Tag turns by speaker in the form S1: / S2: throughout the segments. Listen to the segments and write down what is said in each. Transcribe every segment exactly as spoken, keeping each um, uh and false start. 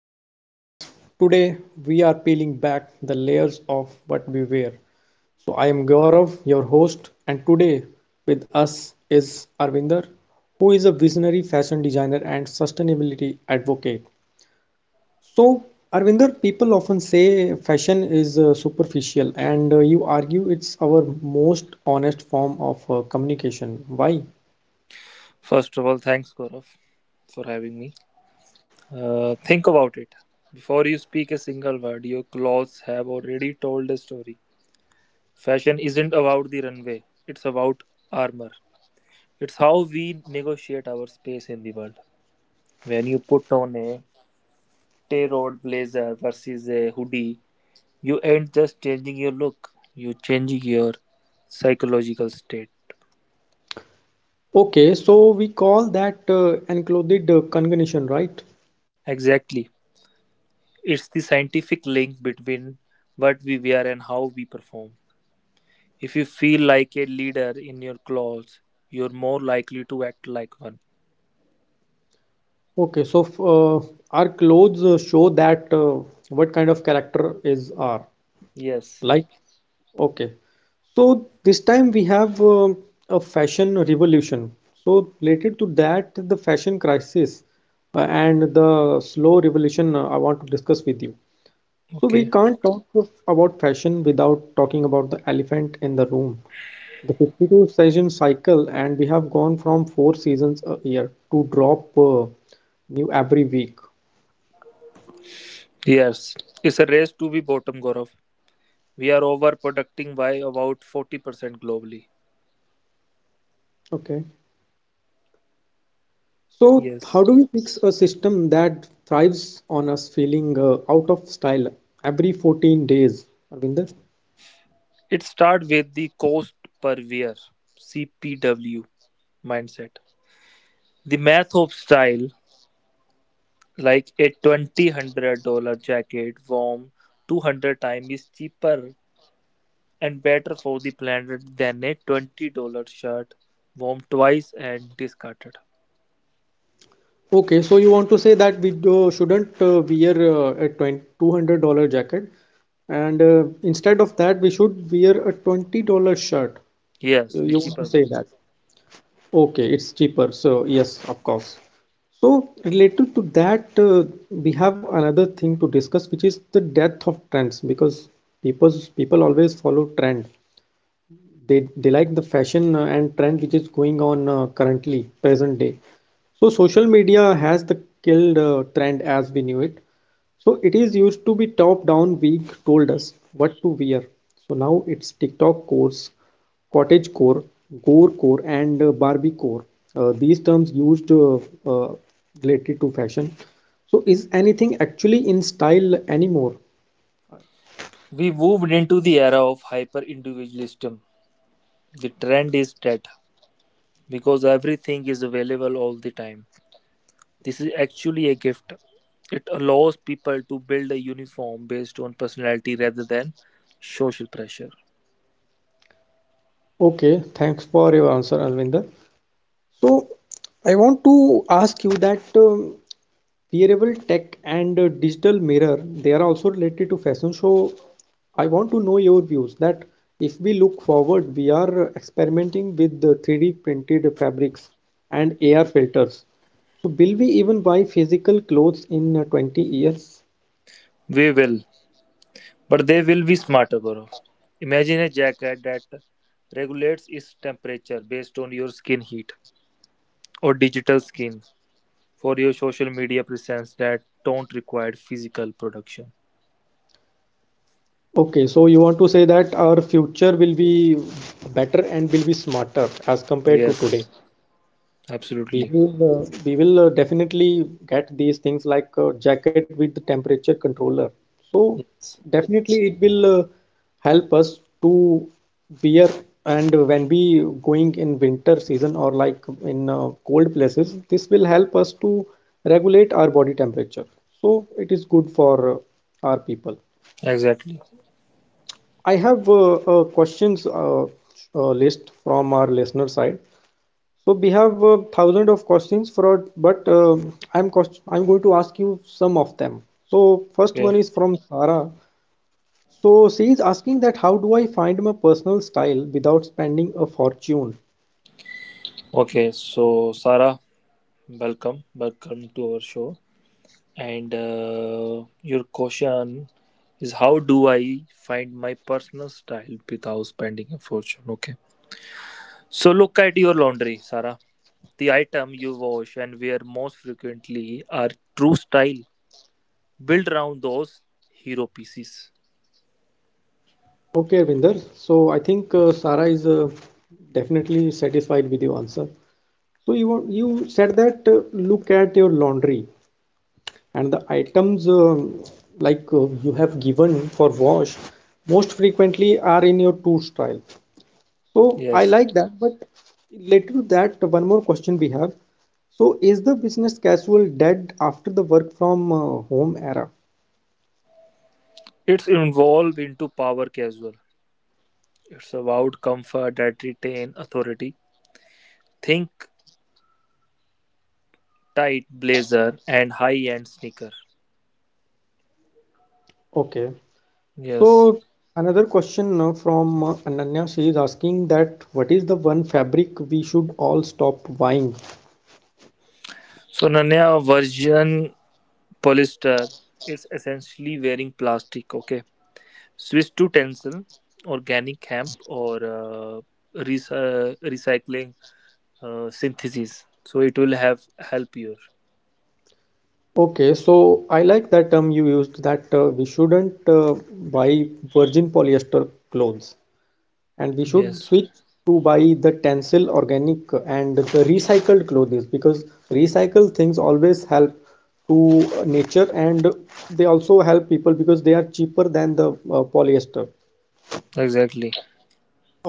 S1: show, guys. Today we are peeling back the layers of what we wear. So, I am Gaurav, your host, and today with us is Arvinder, who is a visionary fashion designer and sustainability advocate. So, Arvinder, people often say fashion is uh, superficial, and uh, you argue it's our most honest form of uh, communication. Why?
S2: First of all, thanks, Gaurav, for having me. Uh, think about it. Before you speak a single word, your clothes have already told a story. Fashion isn't about the runway, it's about armor. It's how we negotiate our space in the world. When you put on a tear-out blazer versus a hoodie, you ain't just changing your look, you're changing your psychological state.
S1: Okay, so we call that uh, enclothed uh, cognition, right?
S2: Exactly. It's the scientific link between what we wear and how we perform. If you feel like a leader in your clothes, you're more likely to act like one.
S1: Okay, so f- uh, our clothes uh, show that uh, what kind of character is our
S2: Yes.
S1: like. Okay, so this time we have um a fashion revolution. So related to that, the fashion crisis uh, and the slow revolution uh, I want to discuss with you. So we
S2: Okay.
S1: can't talk of, about fashion without talking about the elephant in the room. The fifty-two season cycle, and we have gone from four seasons a year to drop uh, new every week.
S2: Yes. It's a race to be bottom, Gaurav. We are overproducting by about forty percent globally.
S1: Okay. So, how
S2: Yes.
S1: do we fix a system that thrives on us feeling uh, out of style every fourteen days, Arvinder?
S2: It starts with the cost per wear, C P W mindset. The math of style, like a two thousand dollars jacket worn two hundred times, is cheaper and better for the planet than a twenty dollars shirt worn twice and discarded.
S1: Okay, so you want to say that we do, shouldn't uh, wear uh, a twenty-two dollars jacket and uh, instead of that, we should wear a twenty dollars shirt.
S2: Yes,
S1: You,
S2: the
S1: you want to
S2: cheaper
S1: say
S2: one.
S1: that? Okay, it's cheaper. So, yes, of course. So, related to that, uh, we have another thing to discuss, which is the death of trends because people people always follow trend. They they like the fashion uh, and trend which is going on uh, currently present day. So social media has the killed uh, trend as we knew it. So it is used to be top down week told us what to wear. So now it's TikTok course, cottage core, gore core, and uh, Barbie core. Uh, these terms used uh, uh, related to fashion. So is anything actually in style anymore?
S2: We moved into the era of hyper individualism. The trend is dead because everything is available all the time. This is actually a gift. It allows people to build a uniform based on personality rather than social pressure.
S1: Okay, thanks for your answer, Alvinder. So, I want to ask you that um, wearable tech and uh, digital mirror, they are also related to fashion. So, I want to know your views that if we look forward, we are experimenting with the three D printed fabrics and A R filters. So, will we even buy physical clothes in uh, twenty years?
S2: We will, but they will be smarter, Gaurav. Imagine a jacket that regulates its temperature based on your skin heat, or digital skin for your social media presence that don't require physical production.
S1: Okay, so you want to say that our future will be better and will be smarter as compared to today.
S2: Yes,
S1: We
S2: absolutely.
S1: will, uh, we will uh, definitely get these things like a jacket with the temperature controller. So
S2: Yes,
S1: definitely it will uh, help us to wear and when we going in winter season or like in uh, cold places, this will help us to regulate our body temperature. So it is good for uh, our people.
S2: exactly.
S1: I have uh, uh, questions uh, uh, list from our listener side. So we have uh, thousands of questions for, but uh, I'm cost I'm going to ask you some of them. So first
S2: Okay.
S1: one is from Sara. So she is asking that how do I find my personal style without spending a fortune?
S2: Okay. So, Sarah, welcome. Welcome to our show. And uh, your question is how do I find my personal style without spending a fortune? Okay. So, look at your laundry, Sarah. The item you wash and wear most frequently are true style built around those hero pieces.
S1: Okay, Arvinder. So I think uh, Sara is uh, definitely satisfied with your answer. So you want- you said that uh, look at your laundry and the items um, like uh, you have given for wash most frequently are in your two style. So I
S2: Yes,
S1: like that, but related to that, one more question we have. So is the business casual dead after the work from uh, home era?
S2: it's involved into power casual. It's about comfort that retain authority. Think tight blazer and high-end sneaker.
S1: Okay.
S2: Yes.
S1: So another question uh, from uh, Ananya, she is asking that what is the one fabric we should all stop buying?
S2: So Nanya version polyester. Is essentially wearing plastic. Okay. Switch to tencel, organic hemp, or uh, rec- uh, recycling uh, synthesis. So it will have help you.
S1: Okay, so I like that term you used that uh, we shouldn't uh, buy virgin polyester clothes, and we should
S2: Yes.
S1: switch to buy the tencel organic and the recycled clothes because recycled things always help to nature and they also help people because they are cheaper than the uh, polyester.
S2: Exactly.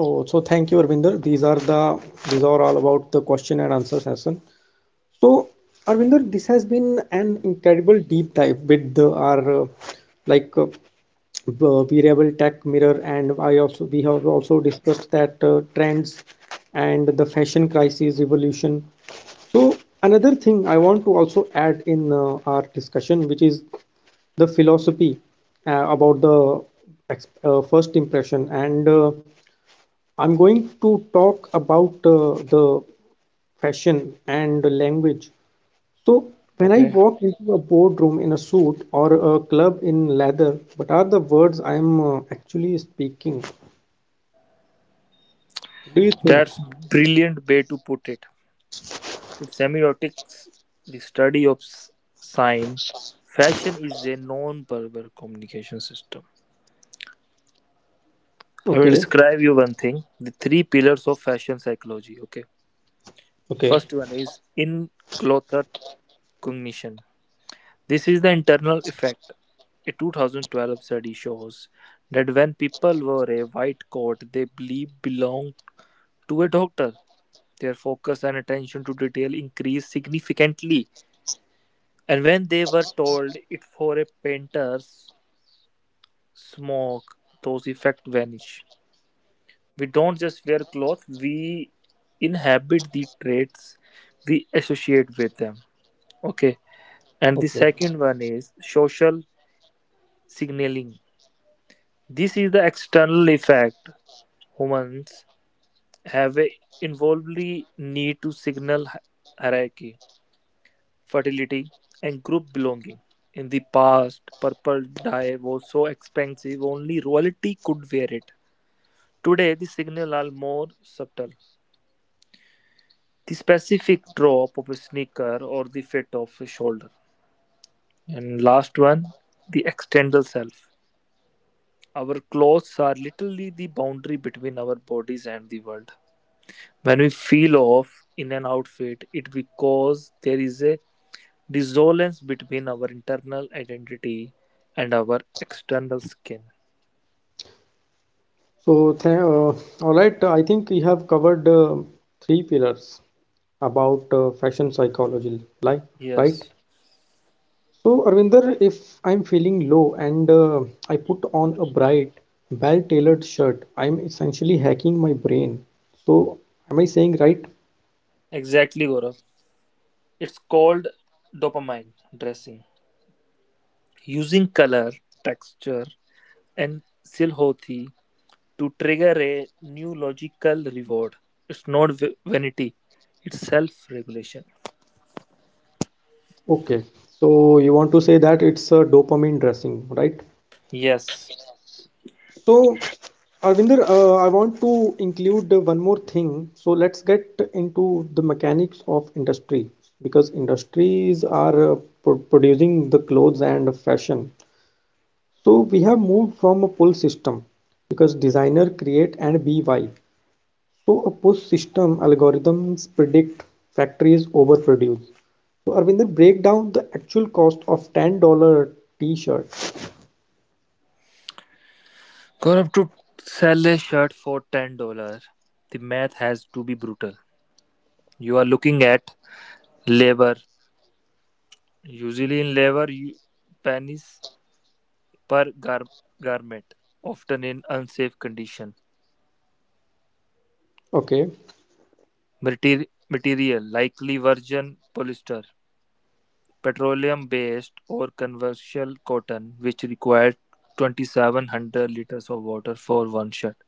S1: Oh, so thank you, Arvinder. These are the these are all about the question and answer session. So, Arvinder, this has been an incredible deep dive with the, our uh, like uh, uh, wearable tech mirror, and I also we have also discussed that uh, trends and the fashion crisis evolution. So, another thing I want to also add in uh, our discussion, which is the philosophy uh, about the ex- uh, first impression, and uh, I'm going to talk about uh, the fashion and language. So, when I
S2: Okay.
S1: walk into a boardroom in a suit or a club in leather, what are the words I am uh, actually speaking? What do you think?
S2: That's brilliant way to put it. In semiotics, the study of s- sign, fashion is a non-verbal communication system. I will
S1: Okay,
S2: describe you one thing: the three pillars of fashion psychology. Okay, the
S1: okay,
S2: first one is in-clothed cognition. This is the internal effect. A two thousand twelve study shows that when people wear a white coat, they believe belong to a doctor. Their focus and attention to detail increased significantly. And when they were told it for a painter, smoke, those effects vanish. We don't just wear clothes, we inhabit the traits we associate with them. Okay. And the
S1: okay.
S2: second one is social signaling. This is the external effect. Humans have a involvedly need to signal hi- hierarchy, fertility, and group belonging. In the past, purple dye was so expensive only royalty could wear it. Today, the signal are more subtle the specific drop of a sneaker or the fit of a shoulder. And last one, the external self. Our clothes are literally the boundary between our bodies and the world. When we feel off in an outfit, it because there is a dissonance between our internal identity and our external skin.
S1: So, th uh, all right, I think we have covered uh, three pillars about uh, fashion psychology, like, right?
S2: Yes,
S1: So, Arvinder, if I'm feeling low and uh, I put on a bright, well-tailored shirt, I'm essentially hacking my brain. So, am I saying right?
S2: exactly, Gaurav. It's called dopamine dressing. Using color, texture, and silhouette to trigger a new logical reward. It's not vanity, it's self regulation.
S1: Okay, so you want to say that it's a dopamine dressing, right?
S2: Yes.
S1: So, Arvinder, uh, I want to include uh, one more thing. So let's get into the mechanics of industry because industries are uh, pro producing the clothes and fashion. So we have moved from a pull system because designer create and be. So a post-system algorithms predict factories overproduce. So Arvinder, break down the actual cost of ten dollars t-shirt.
S2: Gaurav, to sell a shirt for ten dollars the math has to be brutal. You are looking at labor. Usually in labor, you pennies per gar- garment, often in unsafe condition.
S1: Okay.
S2: Materi- material, likely virgin polyester, petroleum-based or conventional cotton, which required twenty-seven hundred liters of water for one shirt,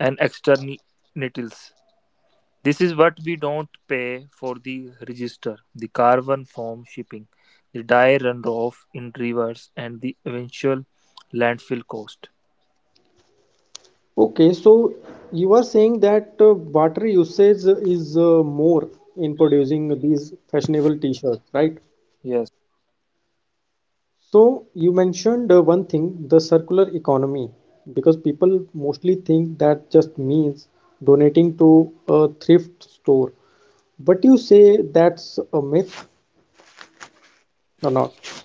S2: and externalities. This is what we don't pay for the register, the carbon form shipping, the dye runoff in rivers, and the eventual landfill cost.
S1: Okay, so you are saying that uh, water usage is uh, more in producing these fashionable t-shirts, right?
S2: Yes,
S1: So you mentioned uh, one thing, the circular economy, because people mostly think that just means donating to a thrift store. But you say that's a myth or not.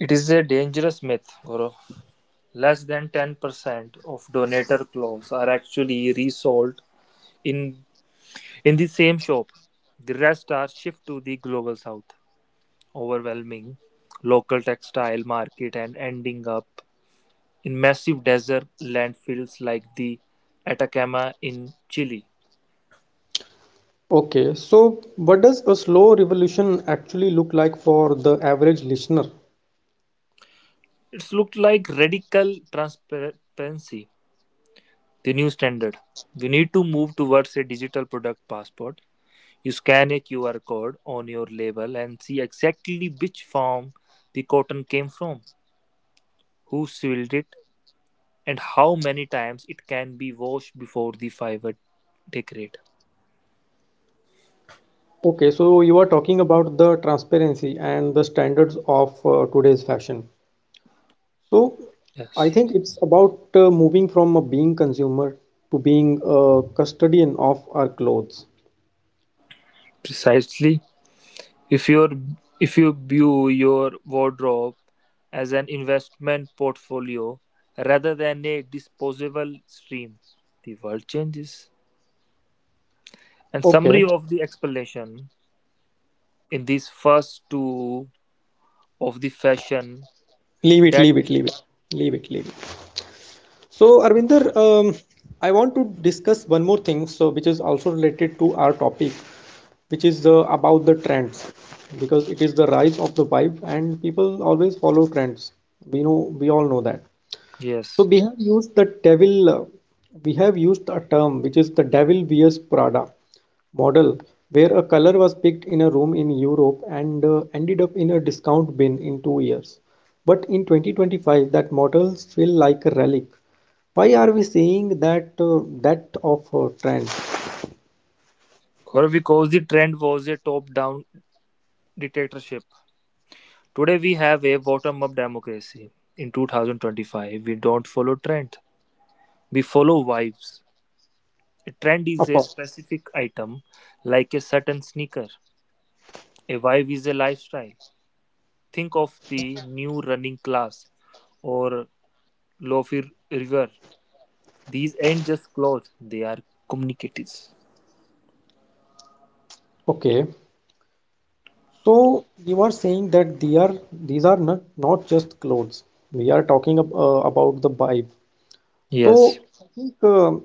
S2: it is a dangerous myth, Gaurav. Less than ten percent of donator clothes are actually resold. In In the same shop, the rest are shipped to the global south, overwhelming local textile market and ending up in massive desert landfills like the Atacama in Chile.
S1: Okay, so what does a slow revolution actually look like for the average listener?
S2: It's looked like radical transparency, the new standard. We need to move towards a digital product passport. You scan a Q R code on your label and see exactly which farm the cotton came from, who sewed it, and how many times it can be washed before the fiber degrade.
S1: Okay, so you are talking about the transparency and the standards of uh, today's fashion. So I
S2: Yes,
S1: think it's about uh, moving from a being consumer to being a custodian of our clothes.
S2: precisely. If you if you view your wardrobe as an investment portfolio rather than a disposable stream, the world changes. And summary
S1: Okay,
S2: of the explanation in these first two of the fashion
S1: leave it,
S2: that.
S1: leave it, leave it, leave it, leave it. So,
S2: Okay,
S1: Arvinder,
S2: okay.
S1: um, I want to discuss one more thing, so which is also related to our topic, which is uh, about the trends, because it is the rise of the vibe, and people always follow trends. We know, we all know that. So
S2: Yes,
S1: we have used the devil, uh, we have used a term which is the devil wears Prada model, where a color was picked in a room in Europe and uh, ended up in a discount bin in two years. But in twenty twenty-five, that models feel like a relic. Why are we saying that uh, that of uh, trend?
S2: Gaurav, because the trend was a top-down dictatorship. Today we have a bottom-up democracy. In two thousand twenty-five, we don't follow trend. We follow vibes. A trend is
S1: Of
S2: a
S1: course.
S2: specific item, like a certain sneaker. A vibe is a lifestyle. Think of the new running class or lofi river. These ain't just clothes; they are communicatives.
S1: Okay. So you are saying that they are these are not not just clothes. We are talking ab- uh, about the vibe.
S2: Yes,
S1: So I think um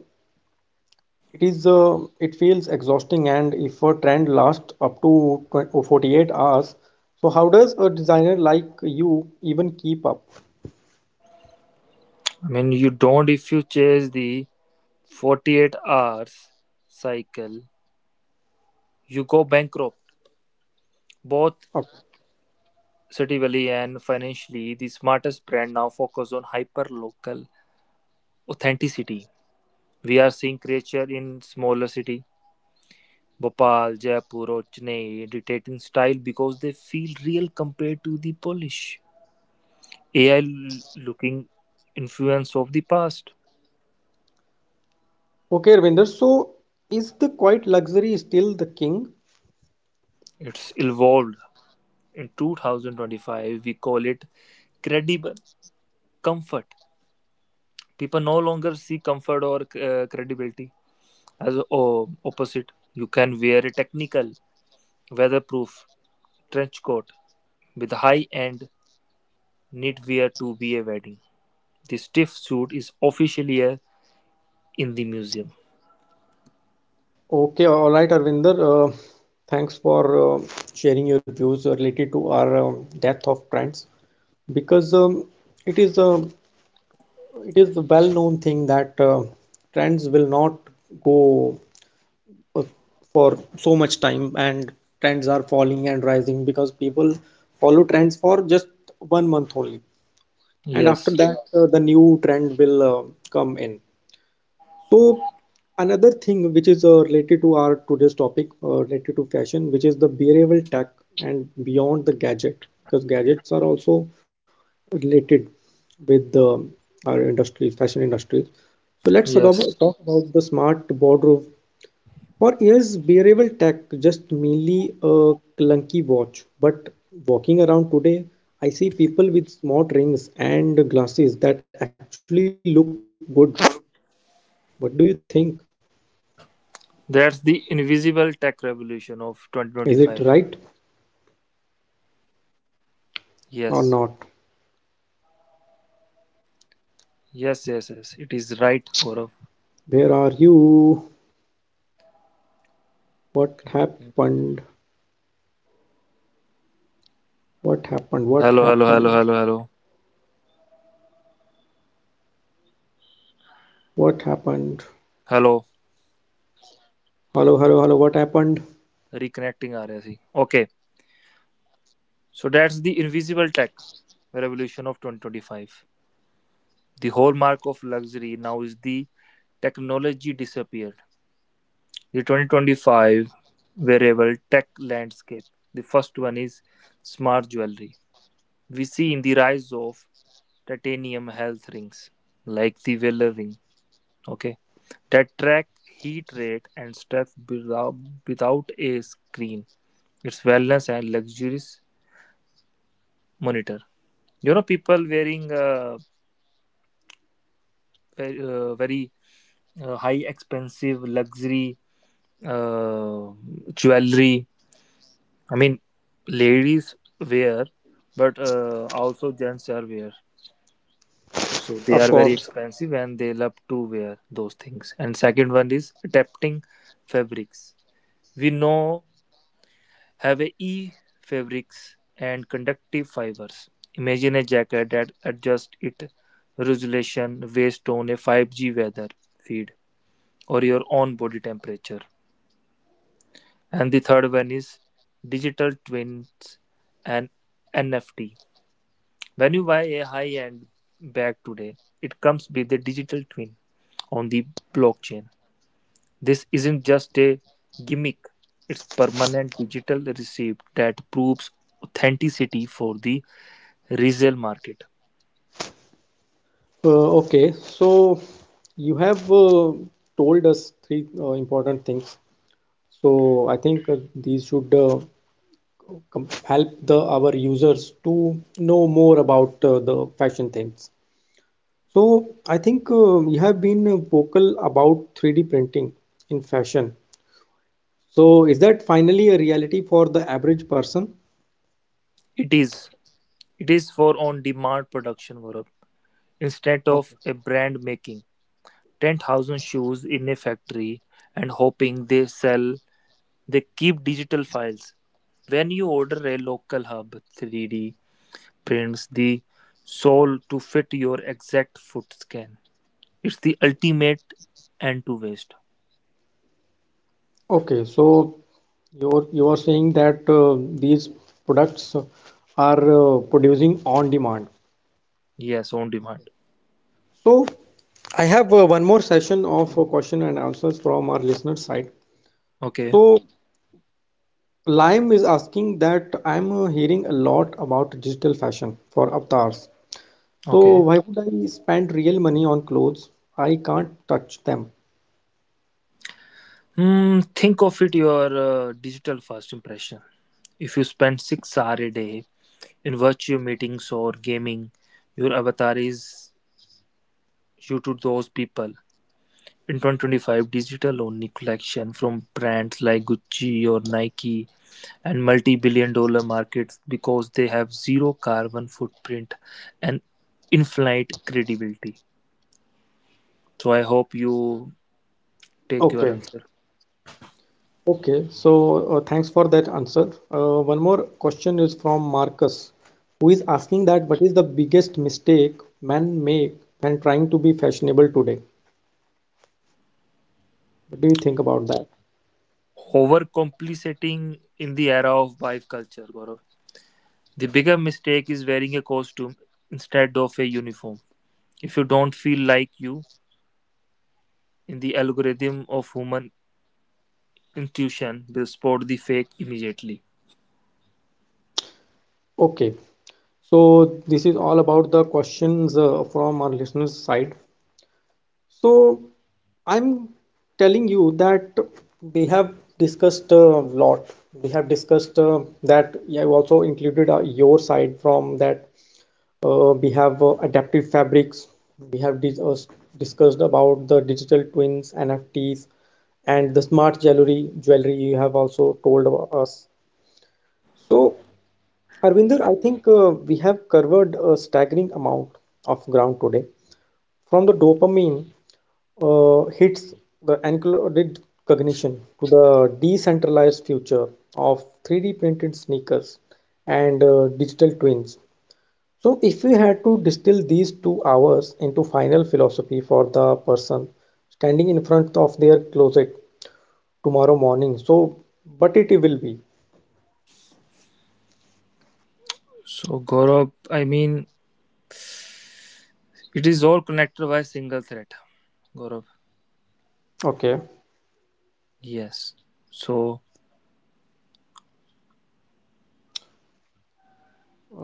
S1: it is uh, it feels exhausting, and if a trend lasts up to twenty or forty-eight hours, so how does a designer like you even keep up?
S2: I mean you don't. If you chase the forty-eight hours cycle, you go bankrupt. Both
S1: Up?
S2: Sativali and financially, the smartest brand now focus on hyper-local authenticity. We are seeing creature in smaller city, Bhopal, Jaipur, or Chennai, dictate in style because they feel real compared to the polish. A I looking influence of the past.
S1: Okay, Arvinder. So is the quiet luxury still the king?
S2: It's evolved. In twenty twenty-five, we call it credible comfort. People no longer see comfort or uh, credibility as oh, opposite. You can wear a technical Weatherproof trench coat with high-end knitwear to be a wedding. The stiff suit is officially a in the museum.
S1: Okay, all right, Arvinder. Uh, thanks for uh, sharing your views related to our um, death of trends, because um, it is a it is a well-known thing that uh, trends will not go uh, for so much time, and trends are falling and rising because people follow trends for just one month only, and after
S2: Yes,
S1: that uh, the new trend will uh, come in. So another thing which is uh, related to our today's topic uh, related to fashion, which is the behavioral tech and beyond the gadget, because gadgets are also related with the our industries fashion industries. So let's talk
S2: yes.
S1: about, talk about the smart boardroom. For years, wearable tech just merely a clunky watch. But walking around today, I see people with smart rings and glasses that actually look good. What do you think?
S2: That's the
S1: Is it
S2: invisible
S1: right
S2: tech revolution of twenty twenty-five.
S1: or not?
S2: Yes, yes, yes,
S1: Where
S2: yes.
S1: are
S2: It is right,
S1: you?
S2: Gaurav.
S1: What happened? What happened? What happened?
S2: Hello, hello, hello, hello, hello.
S1: What happened?
S2: Hello.
S1: Hello, hello, hello. What happened?
S2: Reconnecting aa raha si. Okay. So that's the invisible tech revolution of twenty twenty-five. The hallmark of luxury now is the technology disappear. The twenty twenty-five wearable tech landscape. The first one is smart jewelry. We see in the rise of titanium health rings like the Vela ring, okay, that track heat rate and steps without, without a screen. It's wellness and luxurious monitor. You know, people wearing uh, very, uh, very uh, high expensive luxury uh, jewelry. I mean, ladies wear, but uh, also gents are wear. So
S1: Of
S2: they are
S1: course.
S2: very expensive and they love to wear those things. And second one is adapting fabrics. We know have a e fabrics and conductive fibers. Imagine a jacket that adjusts its resolution based on a five G weather feed or your own body temperature. And the third one is digital twins and N F T. When you buy a high-end bag today, it comes with a digital twin on the blockchain. This isn't just a gimmick, it's permanent digital receipt that proves authenticity for the resale market.
S1: Uh, okay, so you have uh, told us three uh, important things. So I think uh, these should uh, com- help the our users to know more about uh, the fashion things. So I think uh, you have been uh, vocal about three D printing in fashion. So is that finally a reality for the average person?
S2: It is it is for on-demand production, Gaurav. Instead of a brand making ten thousand shoes in a factory and hoping they sell, they keep digital files. When you order a local hub three D bends the sole to fit your exact foot scan. It's the ultimate end to waist.
S1: Okay, so you're you are saying that uh, these products are uh, producing on demand.
S2: Yes, on demand.
S1: So I have uh, one more session of uh, question and answers from our listener side.
S2: Okay,
S1: So Lime is asking that I'm uh, hearing a lot about digital fashion for avatars. So
S2: okay.
S1: why would I spend real money on clothes? I can't touch them.
S2: Hmm, think of it your uh, digital first impression. If you spend six hours a day in virtual meetings or gaming, your avatar is you to those people. In twenty twenty-five, digital only collection from brands like Gucci or Nike and multi-billion dollar markets because they have zero carbon footprint and infinite credibility. So I hope you take your
S1: Okay.
S2: answer.
S1: Okay. So uh, thanks for that answer. Uh, one more question is from Marcus, who is asking that what is the biggest mistake men make when trying to be fashionable today? What do you think about that?
S2: Overcomplicating in the era of wife culture, Gaurav. The bigger mistake is wearing a costume instead of a uniform. If you don't feel like you, in the algorithm of human intuition will spot the fake immediately.
S1: Okay. So this is all about the questions uh, from our listeners' side. So I'm telling you that we have discussed a lot. We have discussed uh, that I have also included uh, your side from that. Uh, we have uh, adaptive fabrics. We have dis uh, discussed about the digital twins, N F Ts, and the smart jewelry. Jewelry you have also told about us. So, Arvinder, I think uh, we have covered a staggering amount of ground today, from the dopamine uh, hits, the encoded cognition, to the decentralized future of three D printed sneakers and uh, digital twins. So, if we had to distill these two hours into final philosophy for the person standing in front of their closet tomorrow morning, so but it will be
S2: So Gaurav, I mean, it is all connected by a single thread. Gaurav.
S1: okay.
S2: Yes so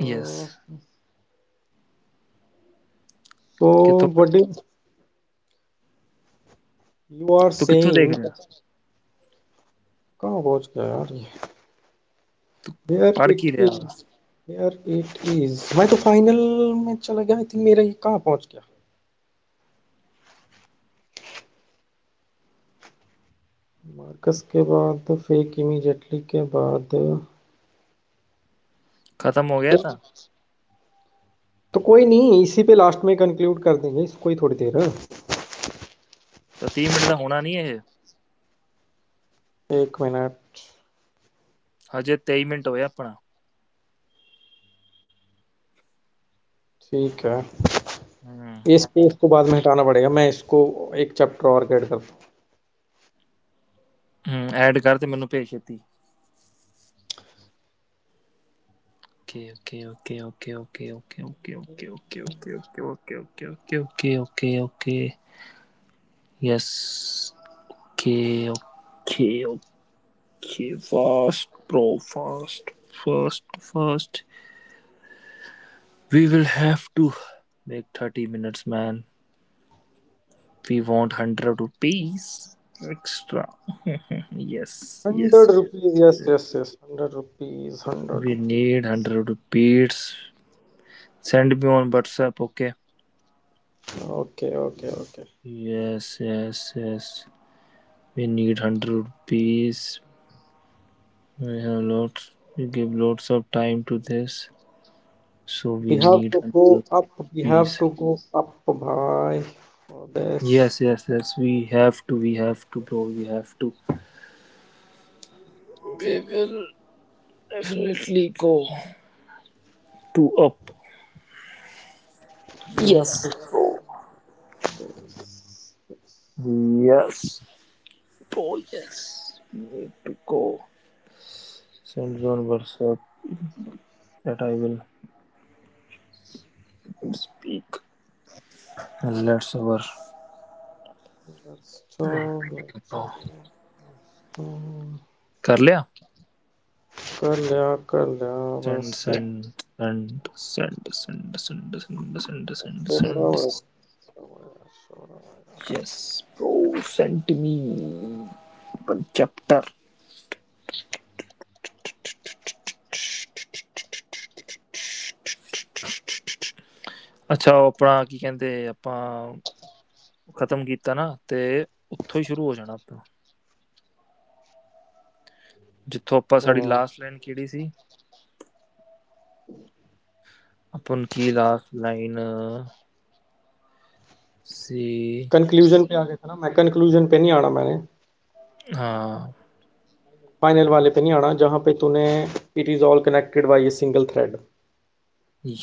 S2: yes ਕਿੱਥੋਂ
S1: so, what is you are
S2: ਤੂੰ ਕਿੱਥੋਂ ਦੇਖ
S1: saying?
S2: ਰਿਹਾ
S1: कहाँ पहुँच गया यार ये? वेयर
S2: ਪੜ
S1: इट
S2: ਕੀ ਰਿਹਾ ਵਾ
S1: इज वेयर इट इज मैं तो फाइनल में चला गया आई थिंक मेरा ये कहाँ पहुंच गया मार्कस के बाद फेक इमीडिएटली के बाद
S2: ਖਤਮ ਹੋ ਗਿਆ ਤਾਂ
S1: तो कोई नहीं इसी पे लास्ट में कंक्लूड कर देंगे इसको ही थोड़ी देर हाँ?
S2: ਤਾਂ ਤੀਹ ਮਿੰਟ ਦਾ ਹੋਣਾ ਨਹੀਂ ਇਹ
S1: एक मिनट
S2: ਹਜੇ ਤੇਈ ਮਿੰਟ ਹੋਇਆ ਆਪਣਾ
S1: ठीक है
S2: ਹੂੰ
S1: ये स्पेस को बाद में हटाना पड़ेगा मैं इसको एक चैप्टर और ऐड करता हूँ
S2: ਹੂੰ ਐਡ ਕਰ ਤੇ ਮੈਨੂੰ ਭੇਜ ਛੇਤੀ okay okay okay okay okay okay okay okay okay okay okay okay okay okay okay okay yes okay yes ਕੇ okay okay fast pro fast fast fast. We will have to make thirty minutes, man. We want one hundred rupees extra. Yes, yes,
S1: hundred
S2: yes.
S1: Rupees yes
S2: Yes.
S1: Yes yes hundred rupees hundred
S2: We need
S1: rupees
S2: one hundred rupees. Send me on WhatsApp, okay?
S1: Okay okay okay
S2: Yes, yes, yes. We need one hundred rupees. We have lots, we give lots of time to this. So
S1: we
S2: we
S1: have
S2: need
S1: to go
S2: one hundred
S1: up, we have
S2: rupees.
S1: to go up bhai for this.
S2: Yes, yes, yes. We have to, we have to, bro. We have to. We will definitely go to up.
S1: We have
S2: Yes.
S1: to stop,
S2: Yes. Poets may go. Send one verse up that I will. And speak. Let's our
S1: stop.
S2: go. कर लिया
S1: कर लिया कर लिया
S2: send
S1: बस एक
S2: send send send send send send send send
S1: छोरा बड़ा
S2: सेंड.
S1: छोरा बड़ा छोरा
S2: Yes, bro, sent me one chapter. ਅੱਛਾ ਉਹ ਆਪਣਾ ਕੀ ਕਹਿੰਦੇ ਆਪਾਂ ਖਤਮ ਕੀਤਾ ਨਾ ਤੇ ਉੱਥੋਂ ਹੀ ਸ਼ੁਰੂ ਹੋ ਜਾਣਾ
S1: बड़ा।
S2: जो
S1: हम्म
S2: थोपा साड़ी लास्ट लाइन की थी, अपुन की लास्ट लाइन सी
S1: कंक्लूजन पे आ गया था ना मैं कंक्लूजन पे नहीं आना मैंने
S2: हाँ,
S1: फाइनल वाले पे नहीं आना जहाँ पे तूने it is all connected by a single thread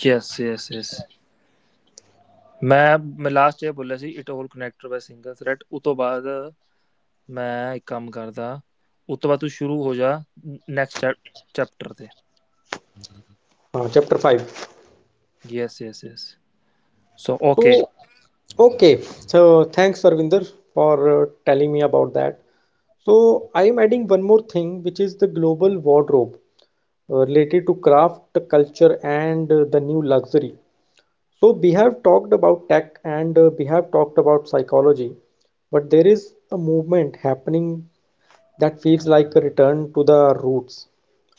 S2: yes yes yes, मैं मैं लास्ट चैप बोल रहा हूँ see it whole connected by single thread, उत्तो बाद मैं एक काम करता, उत्तो बात तो बाद तू शुरू हो जा, नेक्स्ट चैप्टर थे,
S1: हाँ chapter five
S2: yes yes yes, so
S1: तो
S2: okay
S1: okay so thanks Arvinder for telling me about that. So I am adding one more thing, which is the global wardrobe uh, related to craft, culture, and uh, the new luxury. So we have talked about tech and uh, we have talked about psychology, but there is a movement happening that feels like a return to the roots.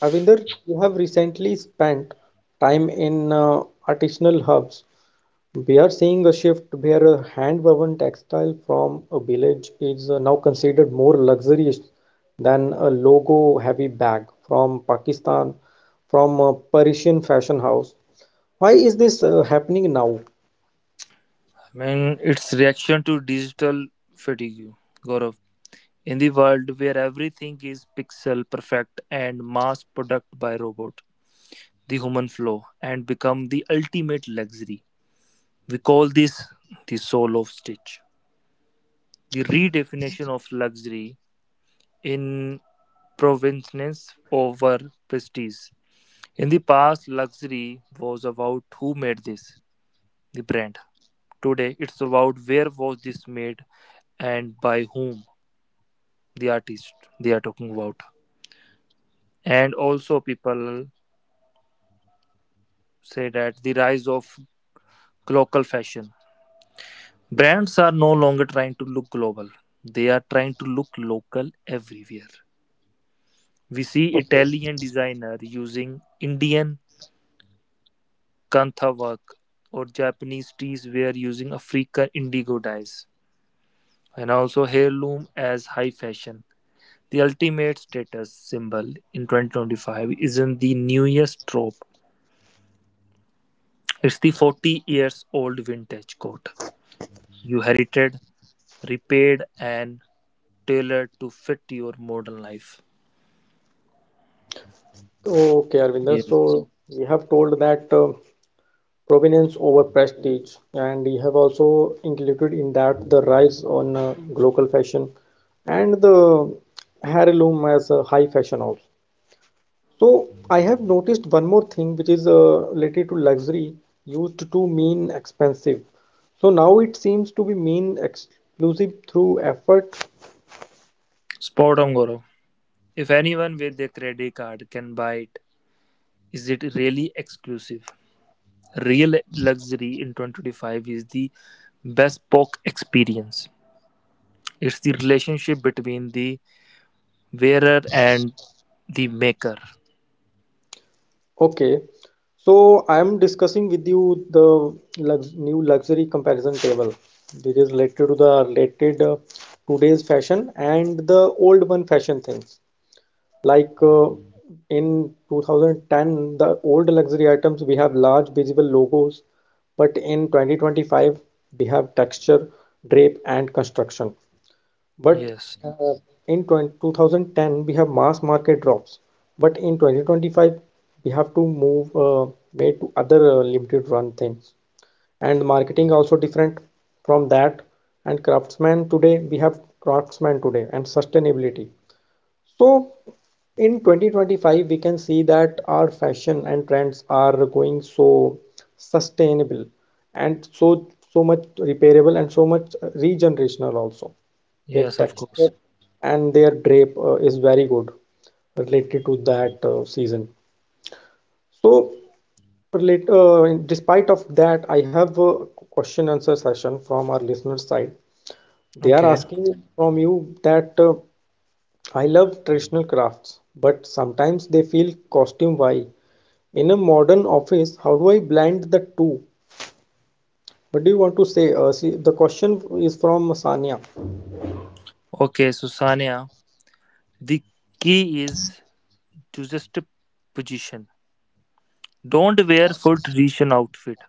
S1: Arvinder, you have recently spent time in uh, artisanal hubs. We are seeing a shift where a hand-woven textile from a village is uh, now considered more luxurious than a logo-heavy bag from Pakistan, from a Parisian fashion house. Why is this uh, happening now?
S2: मैंन it's reaction to digital fatigue गॉर the human flow and become the ultimate luxury. We call this the soul of stitch. The redefinition of luxury in provenance over prestige. In the past, luxury was about who made this, the brand. Today, it's about where was this made and by whom, the artist they are talking about. And also, people say that the rise of local fashion brands are no longer trying to look global, they are trying to look local everywhere. We see
S1: Okay.
S2: Italian designer using Indian kantha work or Japanese teas were using African indigo dyes and also heirloom as high fashion. The ultimate status symbol in twenty twenty-five isn't the newest trope. It's the forty years old vintage coat you herited, repaired and tailored to fit your modern life.
S1: Okay, Arvinder.
S2: Yes.
S1: So we have told that uh, provenance over prestige, and we have also included in that the rise on uh, global fashion and the heirloom as a high fashion also. So I have noticed one more thing, which is uh, related to luxury used to mean expensive. So now it seems to be mean exclusive through effort.
S2: Spot on, Gaurav. If anyone with a credit card can buy it, is it really exclusive? Real luxury in twenty twenty-five is the bespoke experience. It's the relationship between the wearer and the maker.
S1: Okay. So I am discussing with you the lux new luxury comparison table. This is related to the related uh, today's fashion and the old one fashion things. Like uh, in twenty ten, the old luxury items we have large visible logos, but in twenty twenty-five we have texture, drape, and construction. But
S2: Yes,
S1: uh, in twenty two thousand ten we have mass market drops, but in twenty twenty-five we have to move uh, made to other uh, limited run things, and marketing also different from that, and craftsman today, we have craftsman today and sustainability. So in twenty twenty-five, we can see that our fashion and trends are going so sustainable and so so much repairable and so much regenerational also. Their
S2: yes, of
S1: texture
S2: course.
S1: and their drape uh, is very good related to that uh, season. So relate, uh, in- despite of that, I have a question answer session from our listeners side. They are
S2: Okay,
S1: asking from you that uh, I love traditional crafts, but sometimes they feel costume why. In a modern office, how do I blend the two? What do you want to say? Uh, see, the question is from Sania.
S2: okay, so Sania, the key is to just position. Don't wear full tradition outfit.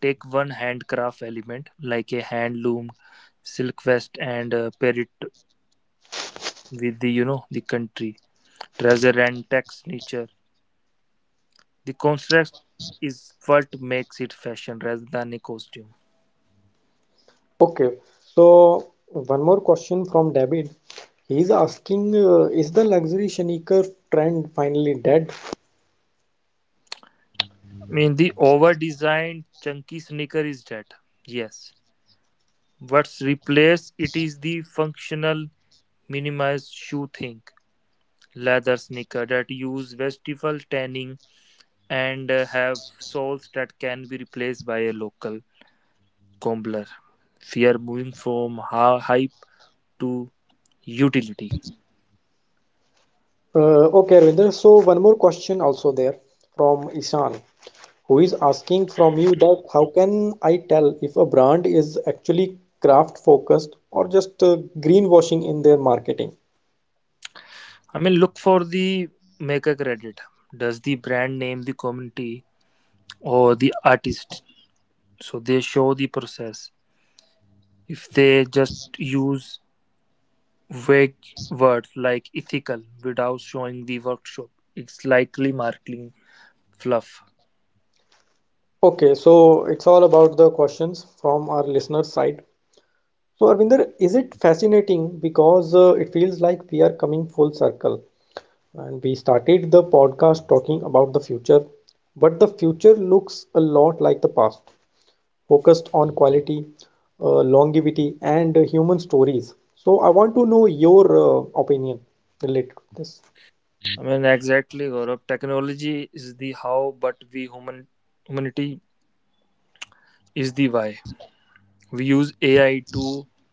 S2: Take one handcraft element like a hand loomed silk vest and uh, pair it with the you know the country treasure and tax nature. The construct is what makes it fashion rather than a costume.
S1: Okay, so one more question from David. He's asking, uh, is the luxury sneaker trend finally dead?
S2: I mean the over designed chunky sneaker is dead. Yes. What's replaced it is the functional minimized shoe thing. Leather sneaker that use vestival tanning and uh, have soles that can be replaced by a local Combler. We are moving from hype to utility.
S1: Uh, okay, Arvinder. So one more question also there from Ishan, who is asking from you that how can I tell if a brand is actually craft focused or just uh, greenwashing in their marketing?
S2: I mean, look for the maker credit. Does the brand name the community or the artist? So they show the process. If they just use vague words like ethical without showing the workshop, it's likely marketing fluff.
S1: Okay, so it's all about the questions from our listener side. So Arvinder, is it fascinating because uh, it feels like we are coming full circle? And we started the podcast talking about the future, but the future looks a lot like the past, focused on quality, uh, longevity, and uh, human stories. So, I want to know your uh, opinion related to this.
S2: I mean, exactly, Gaurav. Technology is the how, but we human humanity is the why. We use ai to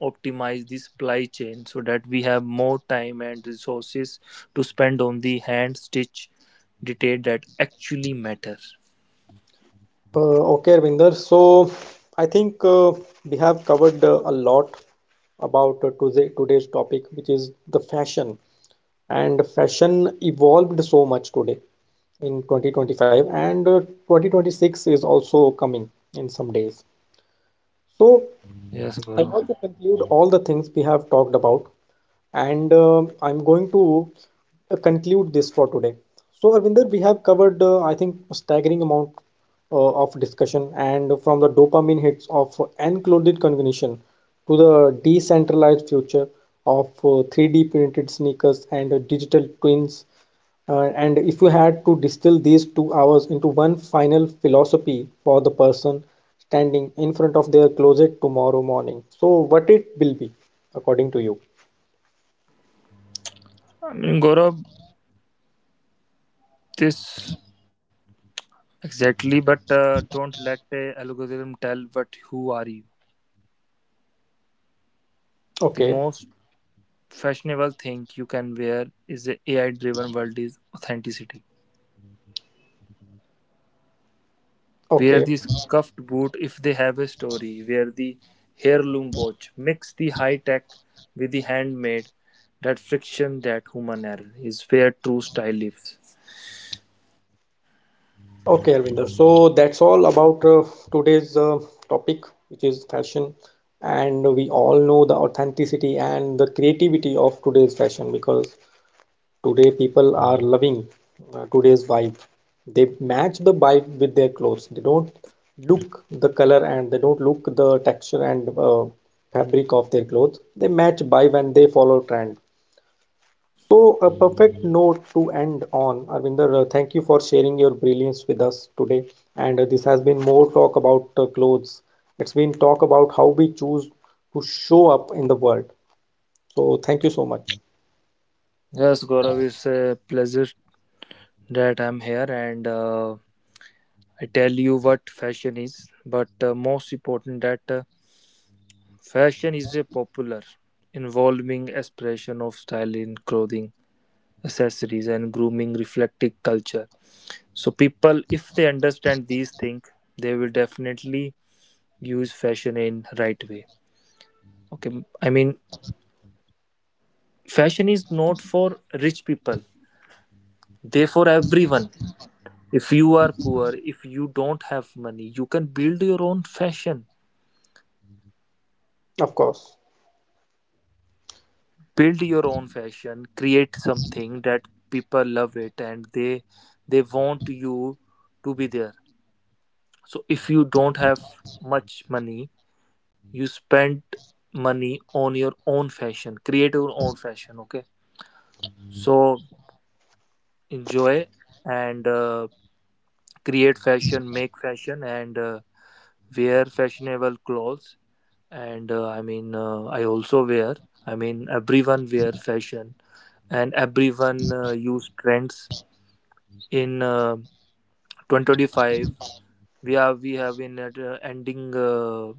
S2: optimize the supply chain so that we have more time and resources to spend on the hand stitch detail that actually matter.
S1: Uh, okay, Arvinder. So, I think uh, we have covered uh, a lot about uh, today, today's topic, which is the fashion. And fashion evolved so much today in twenty twenty-five, and uh, twenty twenty-six is also coming in some days. So,
S2: Yes,
S1: I
S2: guru.
S1: want to conclude all the things we have talked about, and um I'm going to uh, conclude this for today. So, Arvinder, we have covered, uh, I think, a staggering amount uh, of discussion, and from the dopamine hits of enclosed cognition to the decentralized future of uh, three D printed sneakers and uh, digital twins, uh, and if you had to distill these two hours into one final philosophy for the person standing in front of their closet tomorrow morning, so what it will be, according to you?
S2: i mean guru, this exactly, but uh, don't let the algorithm tell what who are you. The
S1: Okay,
S2: most fashionable thing you can wear is the ai driven world is authenticity. Wear
S1: okay,
S2: the scuffed boot if they have a story. Wear the heirloom watch. Mix the high tech with the handmade. That friction, that human error is where true style lives.
S1: okay, Arvinder. So that's all about uh, today's uh, topic, which is fashion. And we all know the authenticity and the creativity of today's fashion because today, people are loving uh, today's vibe. They match the vibe with their clothes. They don't look the color and they don't look the texture and uh, fabric of their clothes. They match vibe and they follow trend. So, a perfect note to end on. Arvinder, uh, thank you for sharing your brilliance with us today. And uh, this has been more talk about uh, clothes. It's been talk about how we choose to show up in the world. So, thank you so much.
S2: Yes, Gaurav, it's a pleasure that I'm here, and uh, I tell you what fashion is, but uh, most important that uh, fashion is a popular, involving expression of style in clothing, accessories, and grooming reflecting culture. So people, if they understand these things, they will definitely use fashion in right way. Okay, I mean, fashion is not for rich people. They for everyone. If you are poor, if you don't have money, you can build your own fashion.
S1: Of course.
S2: Build your own fashion. Create something that people love it and they they want you to be there. So if you don't have much money, you spend money on your own fashion, create your own fashion. Okay, so enjoy and uh, create fashion, make fashion and uh, wear fashionable clothes, and uh, i mean uh, i also wear. i mean everyone wear fashion, and everyone uh, use trends in uh, two thousand twenty-five. We are we have in at, uh, ending uh,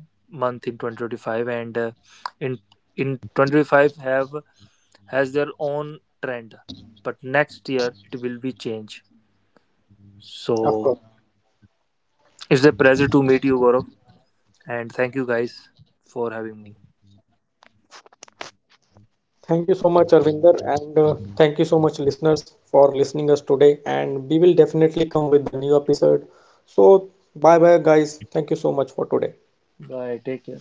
S2: month in twenty twenty-five, and uh, in in two thousand twenty-five have has their own trend. But next year it will be change.
S1: Of
S2: So
S1: course.
S2: it's a pleasure to meet you, Gaurav, and thank you guys for having me.
S1: Thank you so much, Arvinder, and uh, thank you so much, listeners, for listening us today. And we will definitely come with the new episode. So, bye bye, guys. Thank you so much for today.
S2: Bye. Take care.